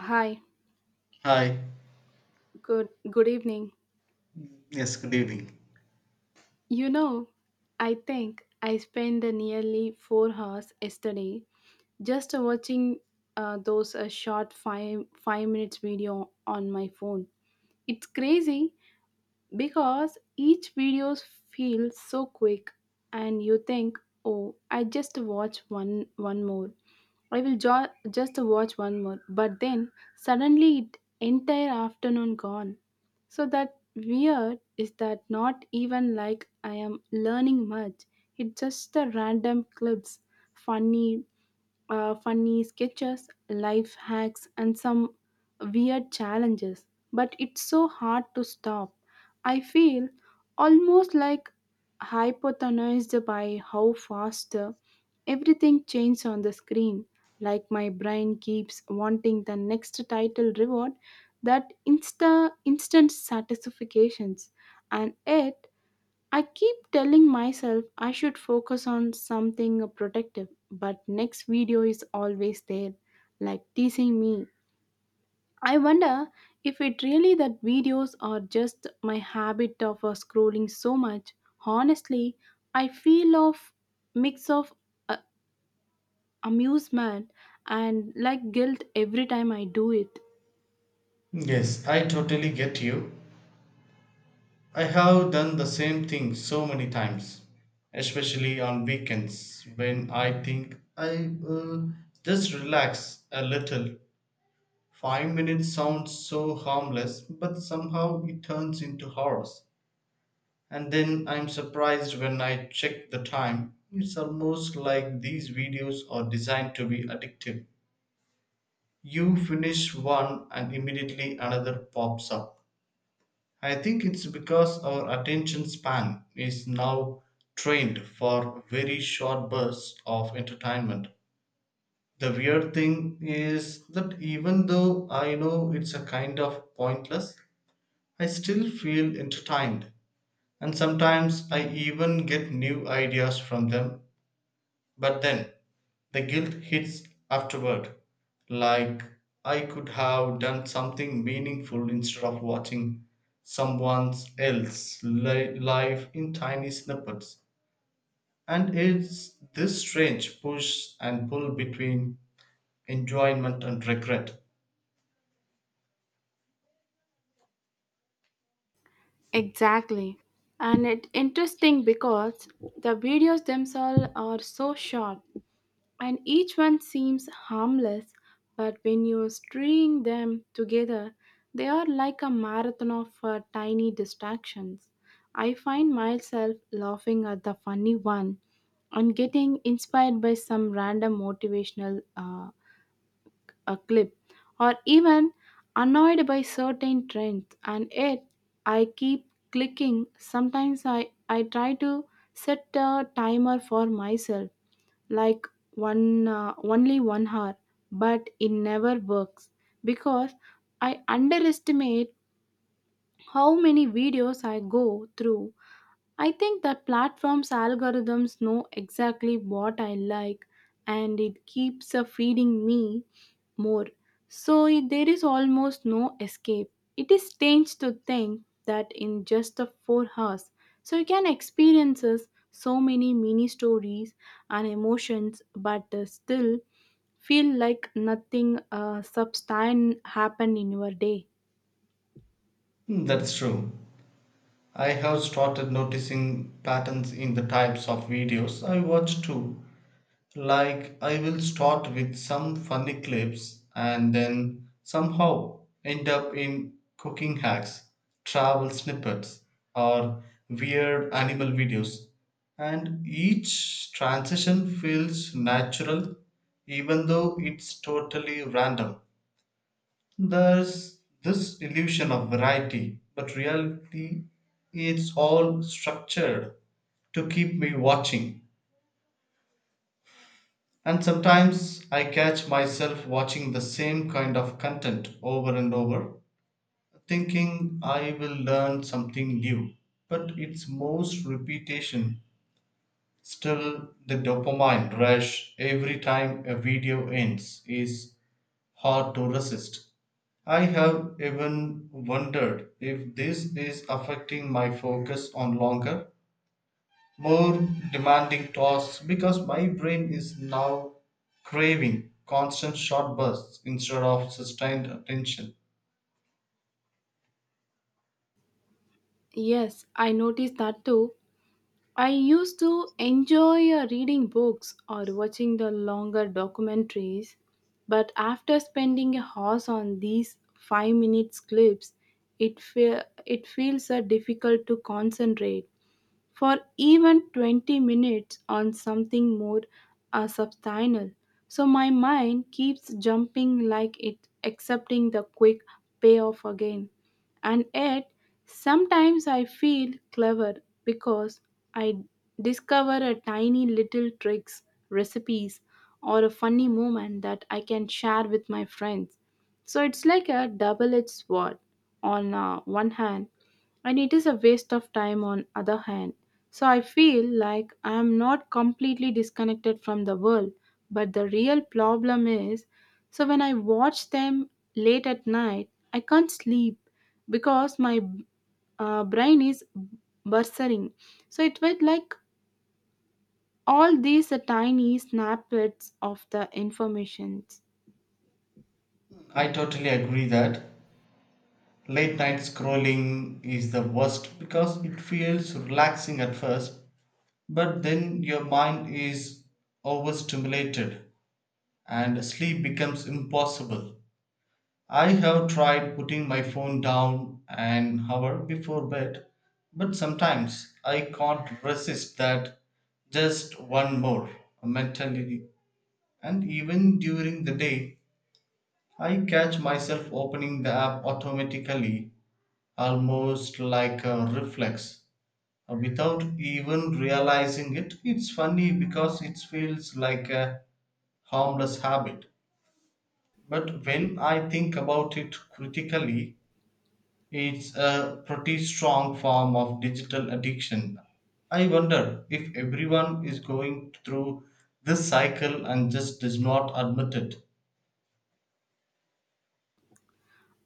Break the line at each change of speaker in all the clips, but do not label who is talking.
Hi,
Hi.
good evening.
Yes, good evening.
You know, I think I spent the nearly 4 hours yesterday just watching those short 5 5 minutes video on my phone. It's crazy because each videos feels so quick, and you think, oh, I just watch one one more I will jo- just watch one more. But then suddenly it entire afternoon gone. So that weird is that not even like I am learning much. It's just the random clips, funny funny sketches, life hacks, and some weird challenges. But it's so hard to stop. I feel almost like hypnotized by how fast everything changes on the screen. Like my brain keeps wanting the next title reward, that instant satisfactions, and yet I keep telling myself I should focus on something protective, but next video is always there, like teasing me. I wonder if it really that videos are just my habit of scrolling so much. Honestly, I feel of mix of uh, amusement and like guilt every time I do it.
Yes, I totally get you. I have done the same thing so many times, especially on weekends when I think I just relax a little. 5 minutes sounds so harmless, but somehow it turns into hours. And then I'm surprised when I check the time. It's almost like these videos are designed to be addictive. You finish one and immediately another pops up. I think it's because our attention span is now trained for very short bursts of entertainment. The weird thing is that even though I know it's a kind of pointless, I still feel entertained. And sometimes I even get new ideas from them. But then, the guilt hits afterward, like I could have done something meaningful instead of watching someone else's life in tiny snippets. And it's this strange push and pull between enjoyment and regret.
Exactly. And it' interesting because the videos themselves are so short and each one seems harmless, but when you string them together, they are like a marathon of tiny distractions. I find myself laughing at the funny one and getting inspired by some random motivational a clip, or even annoyed by certain trends, and yet I keep clicking. Sometimes I try to set a timer for myself, like one only 1 hour, but it never works because I underestimate how many videos I go through. I think that platform's algorithms know exactly what I like, and it keeps feeding me more. There is almost no escape. It is strange to think that in just the 4 hours, so you can experience us so many mini stories and emotions, but still feel like nothing substantial happened in your day.
Hmm, that's true. I have started noticing patterns in the types of videos I watch too. Like, I will start with some funny clips and then somehow end up in cooking hacks, travel snippets, or weird animal videos. And each transition feels natural, even though it's totally random. There's this illusion of variety, but reality, it's all structured to keep me watching. And sometimes I catch myself watching the same kind of content over and over, thinking I will learn something new. But it's most repetition. Still, the dopamine rush every time a video ends is hard to resist. I have even wondered if this is affecting my focus on longer, more demanding tasks because my brain is now craving constant short bursts instead of sustained attention.
Yes, I noticed that too. I used to enjoy reading books or watching the longer documentaries, but after spending a hours on these 5 minutes clips, it feels difficult to concentrate for even 20 minutes on something more substantial. So my mind keeps jumping like it accepting the quick payoff again. And yet, sometimes I feel clever because I discover a tiny little tricks, recipes, or a funny moment that I can share with my friends. So it's like a double edged sword. On one hand, and it is a waste of time on other hand, so I feel like I am not completely disconnected from the world. But the real problem is, so when I watch them late at night, I can't sleep because my brain is bursting. So it felt like all these tiny snippets of the informations.
I totally agree that late night scrolling is the worst because it feels relaxing at first, but then your mind is overstimulated and sleep becomes impossible. I have tried putting my phone down an hour before bed, but sometimes I can't resist that just one more mentality. And even during the day, I catch myself opening the app automatically, almost like a reflex, without even realizing it. It's funny because it feels like a harmless habit. But when I think about it critically, it's a pretty strong form of digital addiction. I wonder if everyone is going through this cycle and just does not admit it.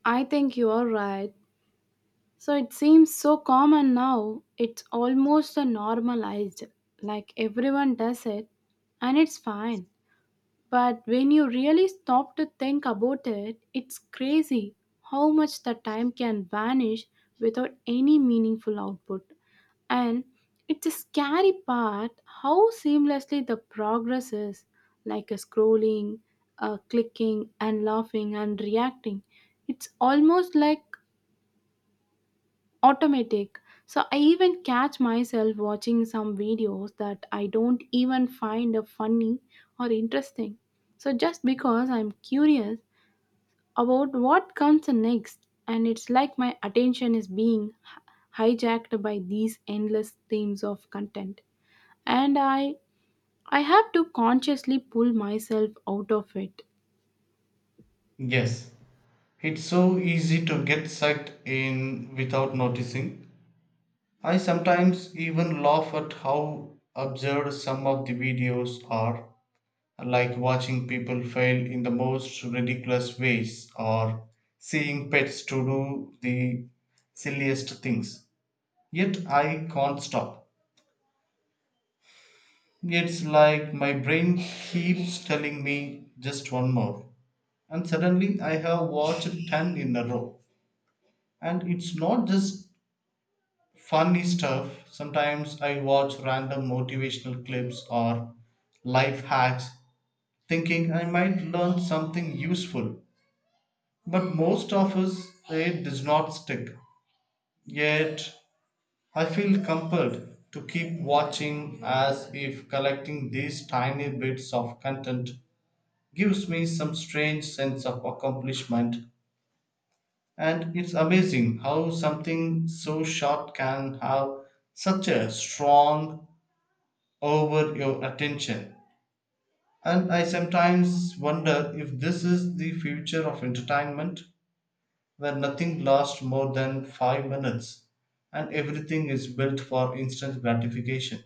I think you are right. So it seems so common now, it's almost a normalized, like everyone does it, and it's fine. But when you really stop to think about it, it's crazy how much the time can vanish without any meaningful output. And it's a scary part how seamlessly the progress is, like a scrolling, clicking, and laughing and reacting. It's almost like automatic. So I even catch myself watching some videos that I don't even find funny or interesting. So just because I'm curious about what comes next, and it's like my attention is being hijacked by these endless themes of content. And I have to consciously pull myself out of it.
Yes, it's so easy to get sucked in without noticing. I sometimes even laugh at how absurd some of the videos are, like watching people fail in the most ridiculous ways or seeing pets to do the silliest things. Yet I can't stop. It's like my brain keeps telling me just one more. And suddenly I have watched 10 in a row. And it's not just funny stuff. Sometimes I watch random motivational clips or life hacks thinking I might learn something useful. But most of us, it does not stick. Yet I feel compelled to keep watching as if collecting these tiny bits of content gives me some strange sense of accomplishment. And it's amazing how something so short can have such a strong over your attention. And I sometimes wonder if this is the future of entertainment, where nothing lasts more than 5 minutes and everything is built for instant gratification.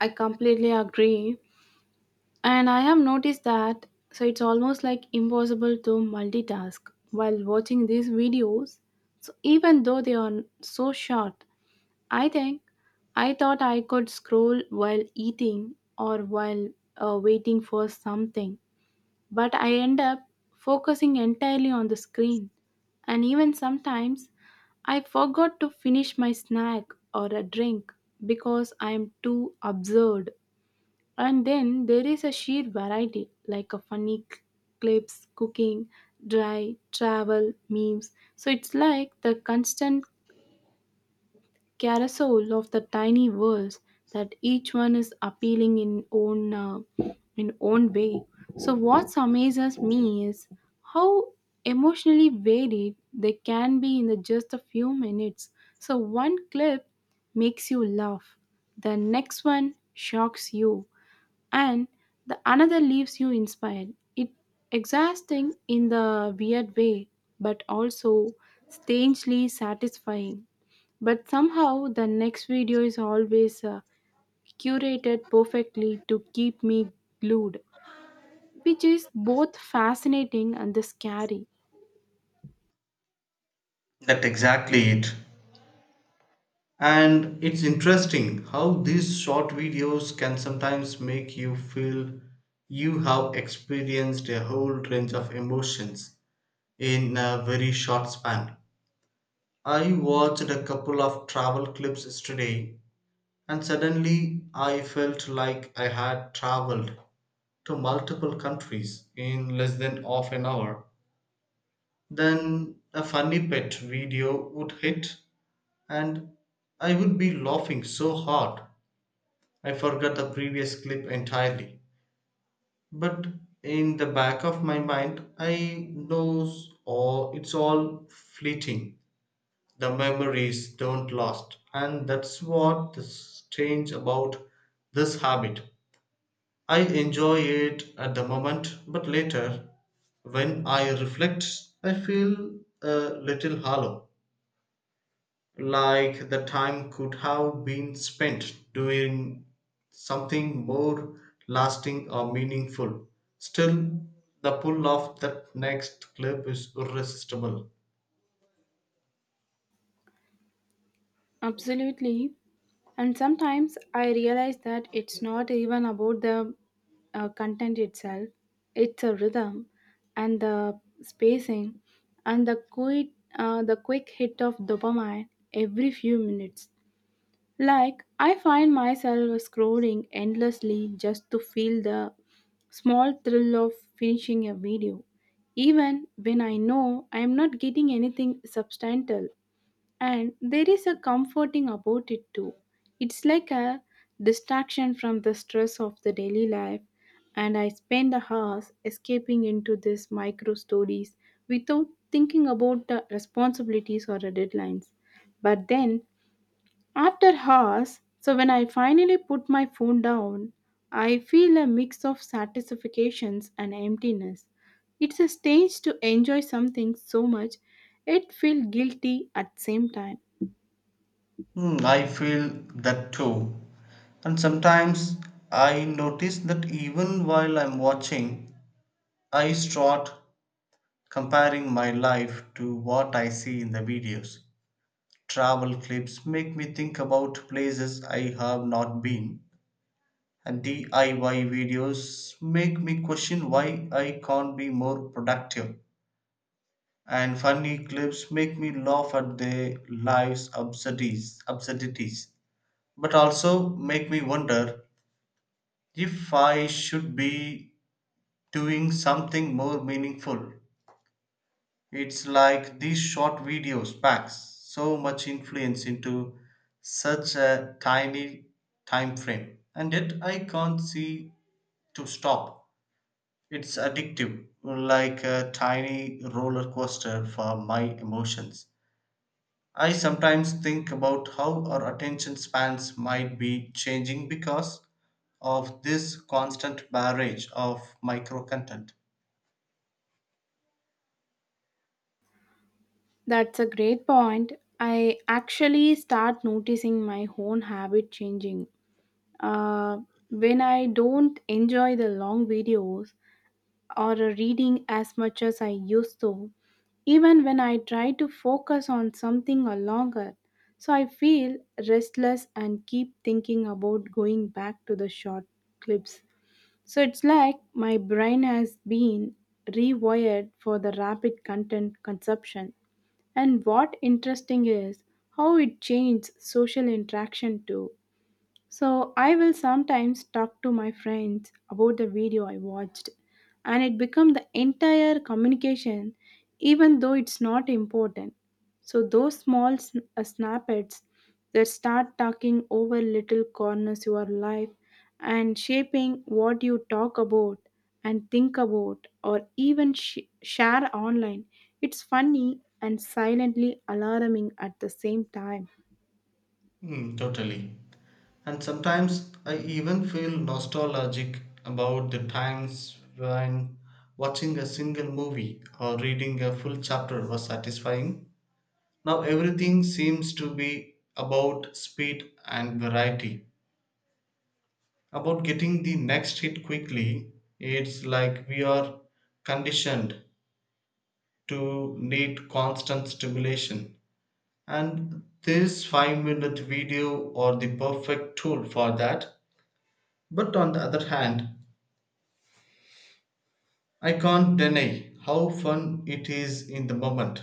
I completely agree. And I have noticed that, so it's almost like impossible to multitask while watching these videos. So even though they are so short, I think I thought I could scroll while eating or while waiting for something, but I end up focusing entirely on the screen. And even sometimes I forgot to finish my snack or a drink because I am too absurd. And then there is a sheer variety, like a clips, cooking, dry, travel, memes. So it's like the constant carousel of the tiny worlds that each one is appealing in own way. So what amazes me is how emotionally varied they can be in the just a few minutes. So one clip makes you laugh, the next one shocks you, and the another leaves you inspired. It exhausting in the weird way, but also strangely satisfying. But somehow the next video is always curated perfectly to keep me glued, which is both fascinating and scary.
That exactly it. And it's interesting how these short videos can sometimes make you feel you have experienced a whole range of emotions in a very short span. I watched a couple of travel clips yesterday, and suddenly I felt like I had traveled to multiple countries in less than half an hour. Then a funny pet video would hit and I would be laughing so hard I forgot the previous clip entirely. But in the back of my mind, I knows all it's all fleeting. The memories don't last, and that's what's strange about this habit. I enjoy it at the moment, but later, when I reflect, I feel a little hollow, like the time could have been spent doing something more lasting or meaningful. Still, the pull of that next clip is irresistible.
Absolutely. And sometimes I realize that it's not even about the content itself, it's a rhythm and the spacing and the the quick hit of dopamine every few minutes. Like, I find myself scrolling endlessly just to feel the small thrill of finishing a video, even when I know I am not getting anything substantial. And there is a comforting about it too. It's like a distraction from the stress of the daily life, and I spend the hours escaping into these micro stories without thinking about the responsibilities or the deadlines. But then, after hours, so when I finally put my phone down, I feel a mix of satisfactions and emptiness. It's a stage to enjoy something so much, it feels guilty at same time.
Hmm, I feel that too. And sometimes I notice that even while I'm watching, I start comparing my life to what I see in the videos. Travel clips make me think about places I have not been, and DIY videos make me question why I can't be more productive. And funny clips make me laugh at their lives' absurdities, absurdities, but also make me wonder if I should be doing something more meaningful. It's like these short videos packs so much influence into such a tiny time frame, and yet I can't see to stop. It's addictive, like a tiny roller coaster for my emotions. I sometimes think about how our attention spans might be changing because of this constant barrage of micro content.
That's a great point. I actually start noticing my own habit changing. Uh, when I don't enjoy the long videos or reading as much as I used to, even when I try to focus on something or longer, so I feel restless and keep thinking about going back to the short clips. So it's like my brain has been rewired for the rapid content consumption. And what interesting is how it changed social interaction too. So I will sometimes talk to my friends about the video I watched, and it become the entire communication even though it's not important. So those snippets that start talking over little corners your life and shaping what you talk about and think about or even share online. It's funny and silently alarming at the same time.
Hmm, totally. And sometimes I even feel nostalgic about the times when watching a single movie or reading a full chapter was satisfying. Now everything seems to be about speed and variety, about getting the next hit quickly. It's like we are conditioned to need constant stimulation. And this 5-minute video are the perfect tool for that. But on the other hand, I can't deny how fun it is in the moment.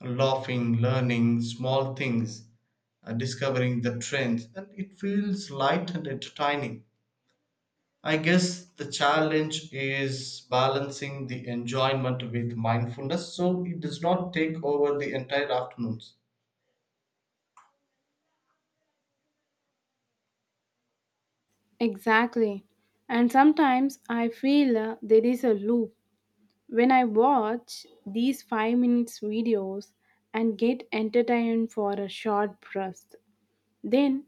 Laughing, learning small things, discovering the trends, and it feels light and entertaining. I guess the challenge is balancing the enjoyment with mindfulness so it does not take over the entire afternoons.
Exactly. And sometimes I feel there is a loop. When I watch these 5 minutes videos and get entertained for a short burst, then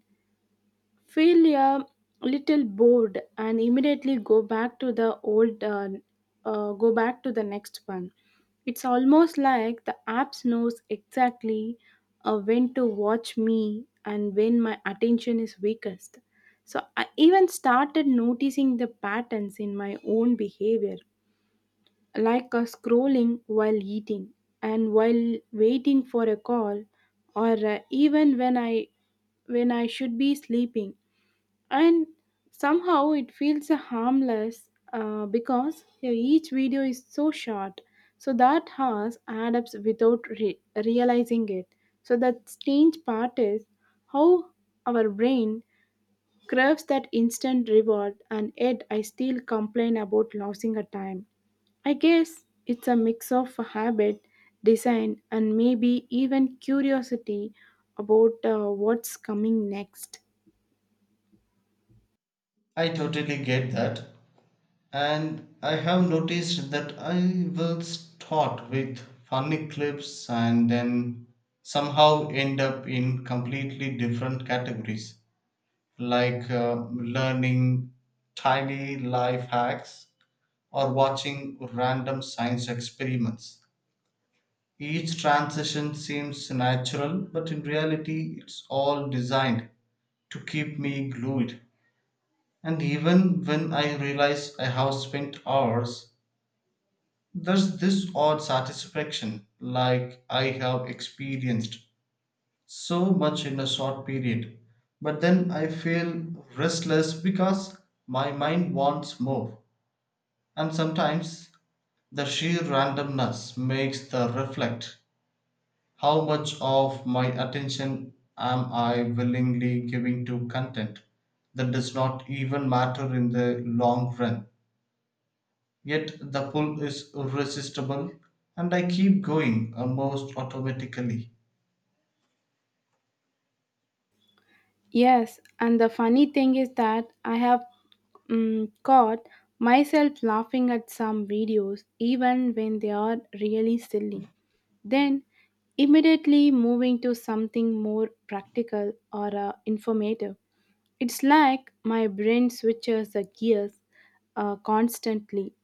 feel a little bored and immediately go back to the old go back to the next one. It's almost like the apps knows exactly when to watch me and when my attention is weakest. So I even started noticing the patterns in my own behavior, like scrolling while eating and while waiting for a call, or even when I should be sleeping, and somehow it feels harmless because each video is so short, so that has add ups without realizing it. So the strange part is how our brain craves that instant reward, and yet I still complain about losing a time. I guess it's a mix of habit design and maybe even curiosity about what's coming next.
I totally get that. And I have noticed that I will start with funny clips and then somehow end up in completely different categories, like learning tiny life hacks or watching random science experiments. Each transition seems natural, but in reality, it's all designed to keep me glued. And even when I realize I have spent hours, there's this odd satisfaction, like I have experienced so much in a short period, but then I feel restless because my mind wants more. And sometimes the sheer randomness makes the reflect how much of my attention am I willingly giving to content that does not even matter in the long run. Yet the pull is irresistible, and I keep going almost automatically.
Yes, and the funny thing is that I have caught myself laughing at some videos even when they are really silly. Then immediately moving to something more practical or informative. It's like my brain switches the gears constantly.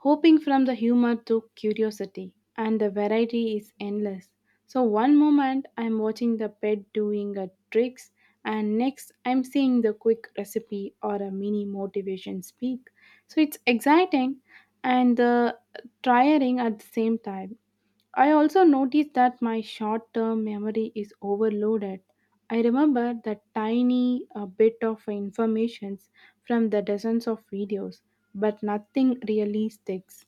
Hoping from the humor to curiosity, and the variety is endless. So, one moment I'm watching the pet doing a tricks, and next I'm seeing the quick recipe or a mini motivation speak. So, it's exciting and the tiring at the same time. I also noticed that my short term memory is overloaded. I remember the tiny bit of information from the dozens of videos, but nothing really sticks.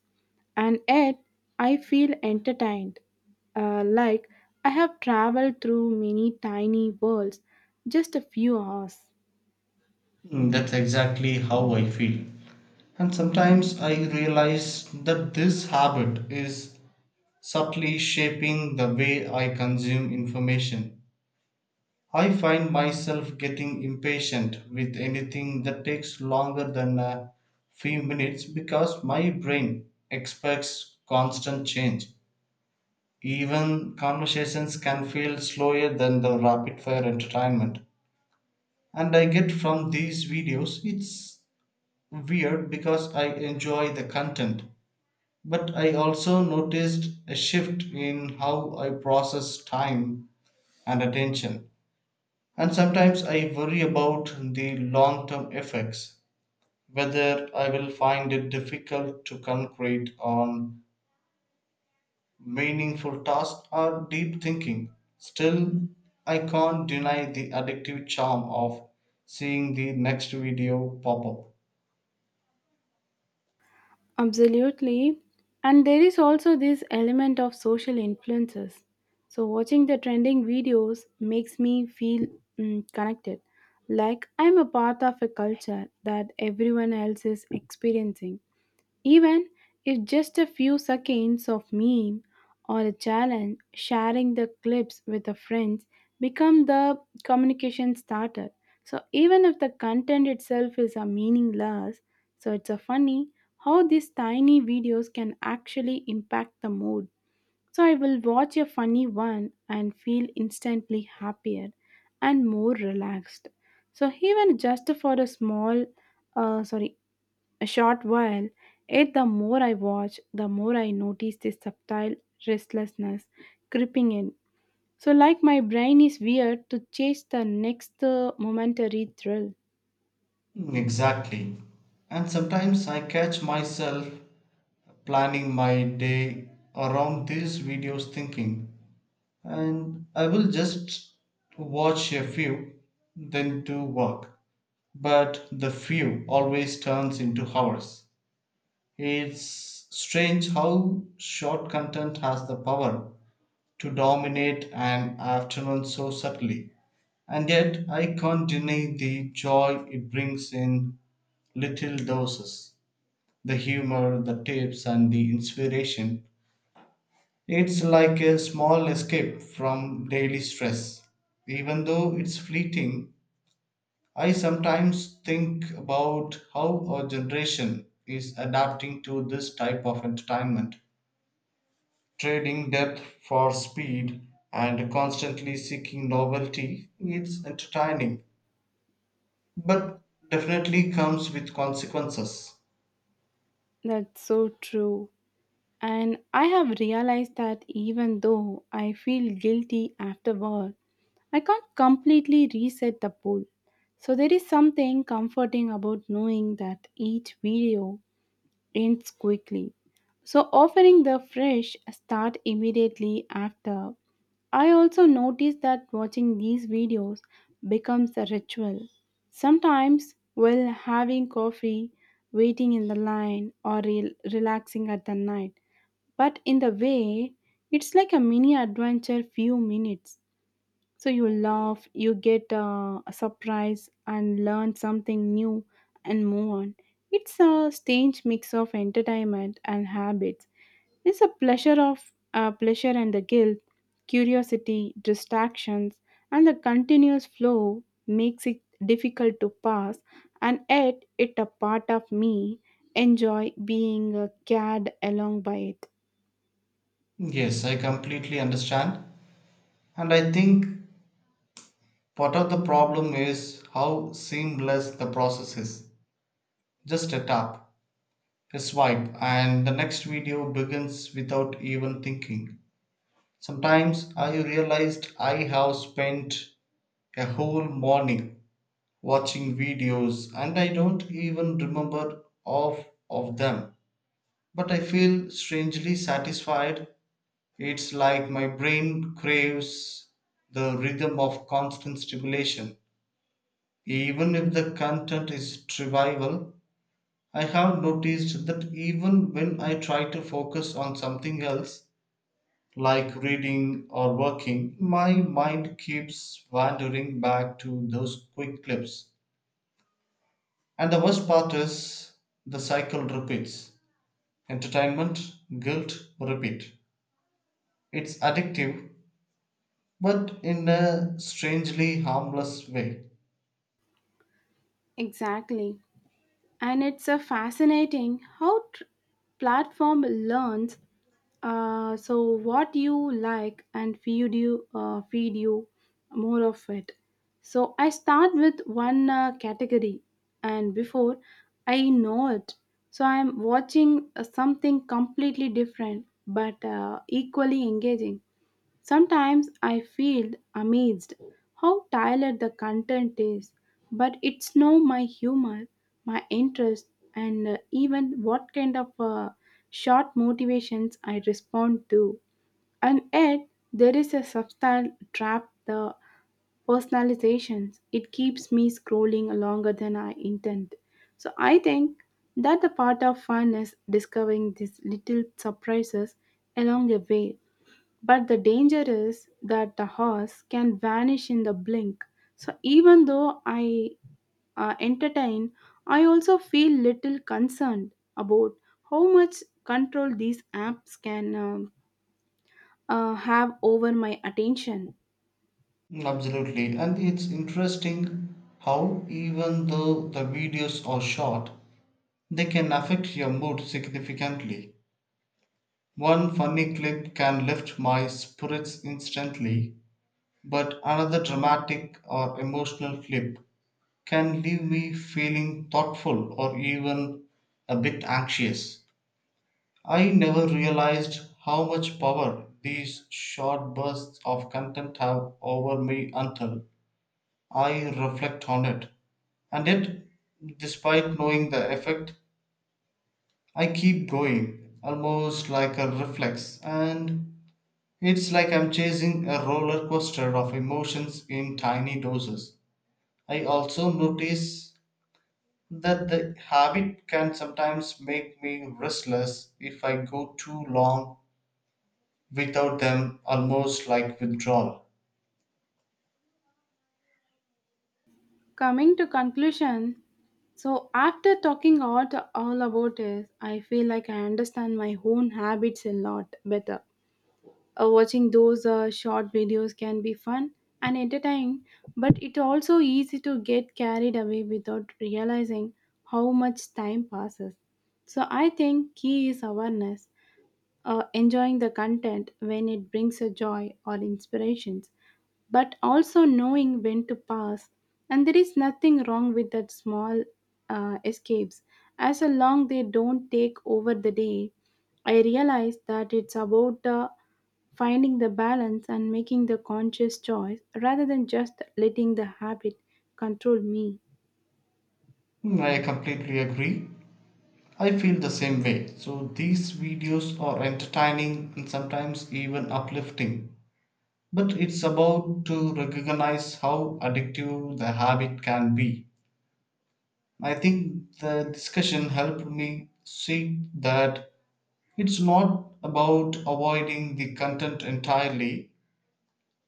And yet, I feel entertained, like I have traveled through many tiny worlds just a few hours.
Mm, that's exactly how I feel. And sometimes I realize that this habit is subtly shaping the way I consume information. I find myself getting impatient with anything that takes longer than a few minutes because my brain expects constant change. Even conversations can feel slower than the rapid fire entertainment. And I get from these videos, it's weird because I enjoy the content. But I also noticed a shift in how I process time and attention. And sometimes I worry about the long term effects, whether I will find it difficult to concentrate on meaningful tasks or deep thinking. Still, I can't deny the addictive charm of seeing the next video pop up.
Absolutely. And there is also this element of social influences. So, watching the trending videos makes me feel connected, like I'm a part of a culture that everyone else is experiencing. Even if just a few seconds of meme or a challenge, sharing the clips with the friends become the communication starter. So even if the content itself is a meaningless, so it's a funny how these tiny videos can actually impact the mood. So I will watch a funny one and feel instantly happier and more relaxed. So even just for a uh, sorry, a short while, yet the more I watch, the more I notice this subtle restlessness creeping in. So, like my brain is weird to chase the next momentary thrill.
Mm, exactly. And sometimes I catch myself planning my day around these videos thinking, and I will just watch a few, then do work. But the few always turns into hours. It's strange how short content has the power to dominate an afternoon so subtly. And yet, I can't deny the joy it brings in little doses, the humor, the tips, and the inspiration. It's like a small escape from daily stress. Even though it's fleeting, I sometimes think about how our generation is adapting to this type of entertainment, trading depth for speed and constantly seeking novelty. Its entertaining, but definitely comes with consequences.
That's so true. And I have realized that even though I feel guilty afterward, I can't completely reset the pool. So, there is something comforting about knowing that each video ends quickly. So, offering the fresh start immediately after. I also noticed that watching these videos becomes a ritual. Sometimes, while having coffee, waiting in the line, or relaxing at the night. But in the way, it's like a mini adventure few minutes. So you laugh, you get a surprise, and learn something new and move on. It's a strange mix of entertainment and habits. It's a pleasure and the guilt, curiosity, distractions, and the continuous flow makes it difficult to pass. And yet, it a part of me enjoy being carried along by it.
Yes, I completely understand. And I think part of the problem is how seamless the process is. Just a tap, a swipe, and the next video begins without even thinking. Sometimes I realized I have spent a whole morning watching videos, and I don't even remember half of them. But I feel strangely satisfied. It's like my brain craves the rhythm of constant stimulation. Even if the content is trivial, I have noticed that even when I try to focus on something else, like reading or working, my mind keeps wandering back to those quick clips. And the worst part is the cycle repeats: entertainment, guilt, repeat. It's addictive, but in a strangely harmless way.
Exactly. And it's a fascinating how platform learns so what you like and feed you more of it. So I start with one category, and before I know it, so I'm watching something completely different, but equally engaging. Sometimes I feel amazed how tailored the content is, but it's no my humor, my interest, and even what kind of short motivations I respond to. And yet, there is a subtle trap the personalizations. It keeps me scrolling longer than I intend. So I think that the part of fun is discovering these little surprises along the way, but the danger is that the horse can vanish in the blink. So even though I entertain, I also feel little concerned about how much control these apps can have over my attention.
Absolutely. And it's interesting how, even though the videos are short, they can affect your mood significantly. One funny clip can lift my spirits instantly, but another dramatic or emotional clip can leave me feeling thoughtful or even a bit anxious. I never realized how much power these short bursts of content have over me until I reflect on it. And yet, despite knowing the effect, I keep going almost like a reflex, and it's like I'm chasing a roller coaster of emotions in tiny doses. I also notice that the habit can sometimes make me restless if I go too long without them, almost like withdrawal.
Coming to conclusion, so after talking all about this, I feel like I understand my own habits a lot better. Watching those short videos can be fun and entertaining, but it also easy to get carried away without realizing how much time passes. So I think key is awareness, enjoying the content when it brings a joy or inspirations, but also knowing when to pass. And there is nothing wrong with that small escapes, as long they don't take over the day. I realize that it's about finding the balance and making the conscious choice rather than just letting the habit control me.
Hmm, I completely agree. I feel the same way. So these videos are entertaining and sometimes even uplifting. But it's about to recognize how addictive the habit can be. I think the discussion helped me see that it's not about avoiding the content entirely,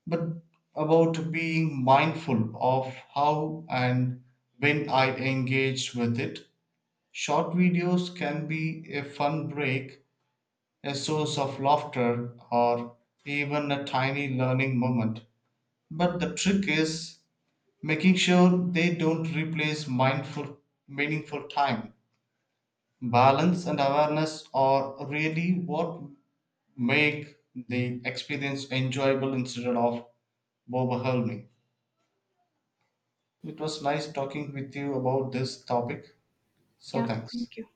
but about being mindful of how and when I engage with it. Short videos can be a fun break, a source of laughter, or even a tiny learning moment. But the trick is making sure they don't replace mindful, meaningful time. Balance and awareness are really what make the experience enjoyable instead of overwhelming. It was nice talking with you about this topic. So,
Yeah,
thanks.
thank you.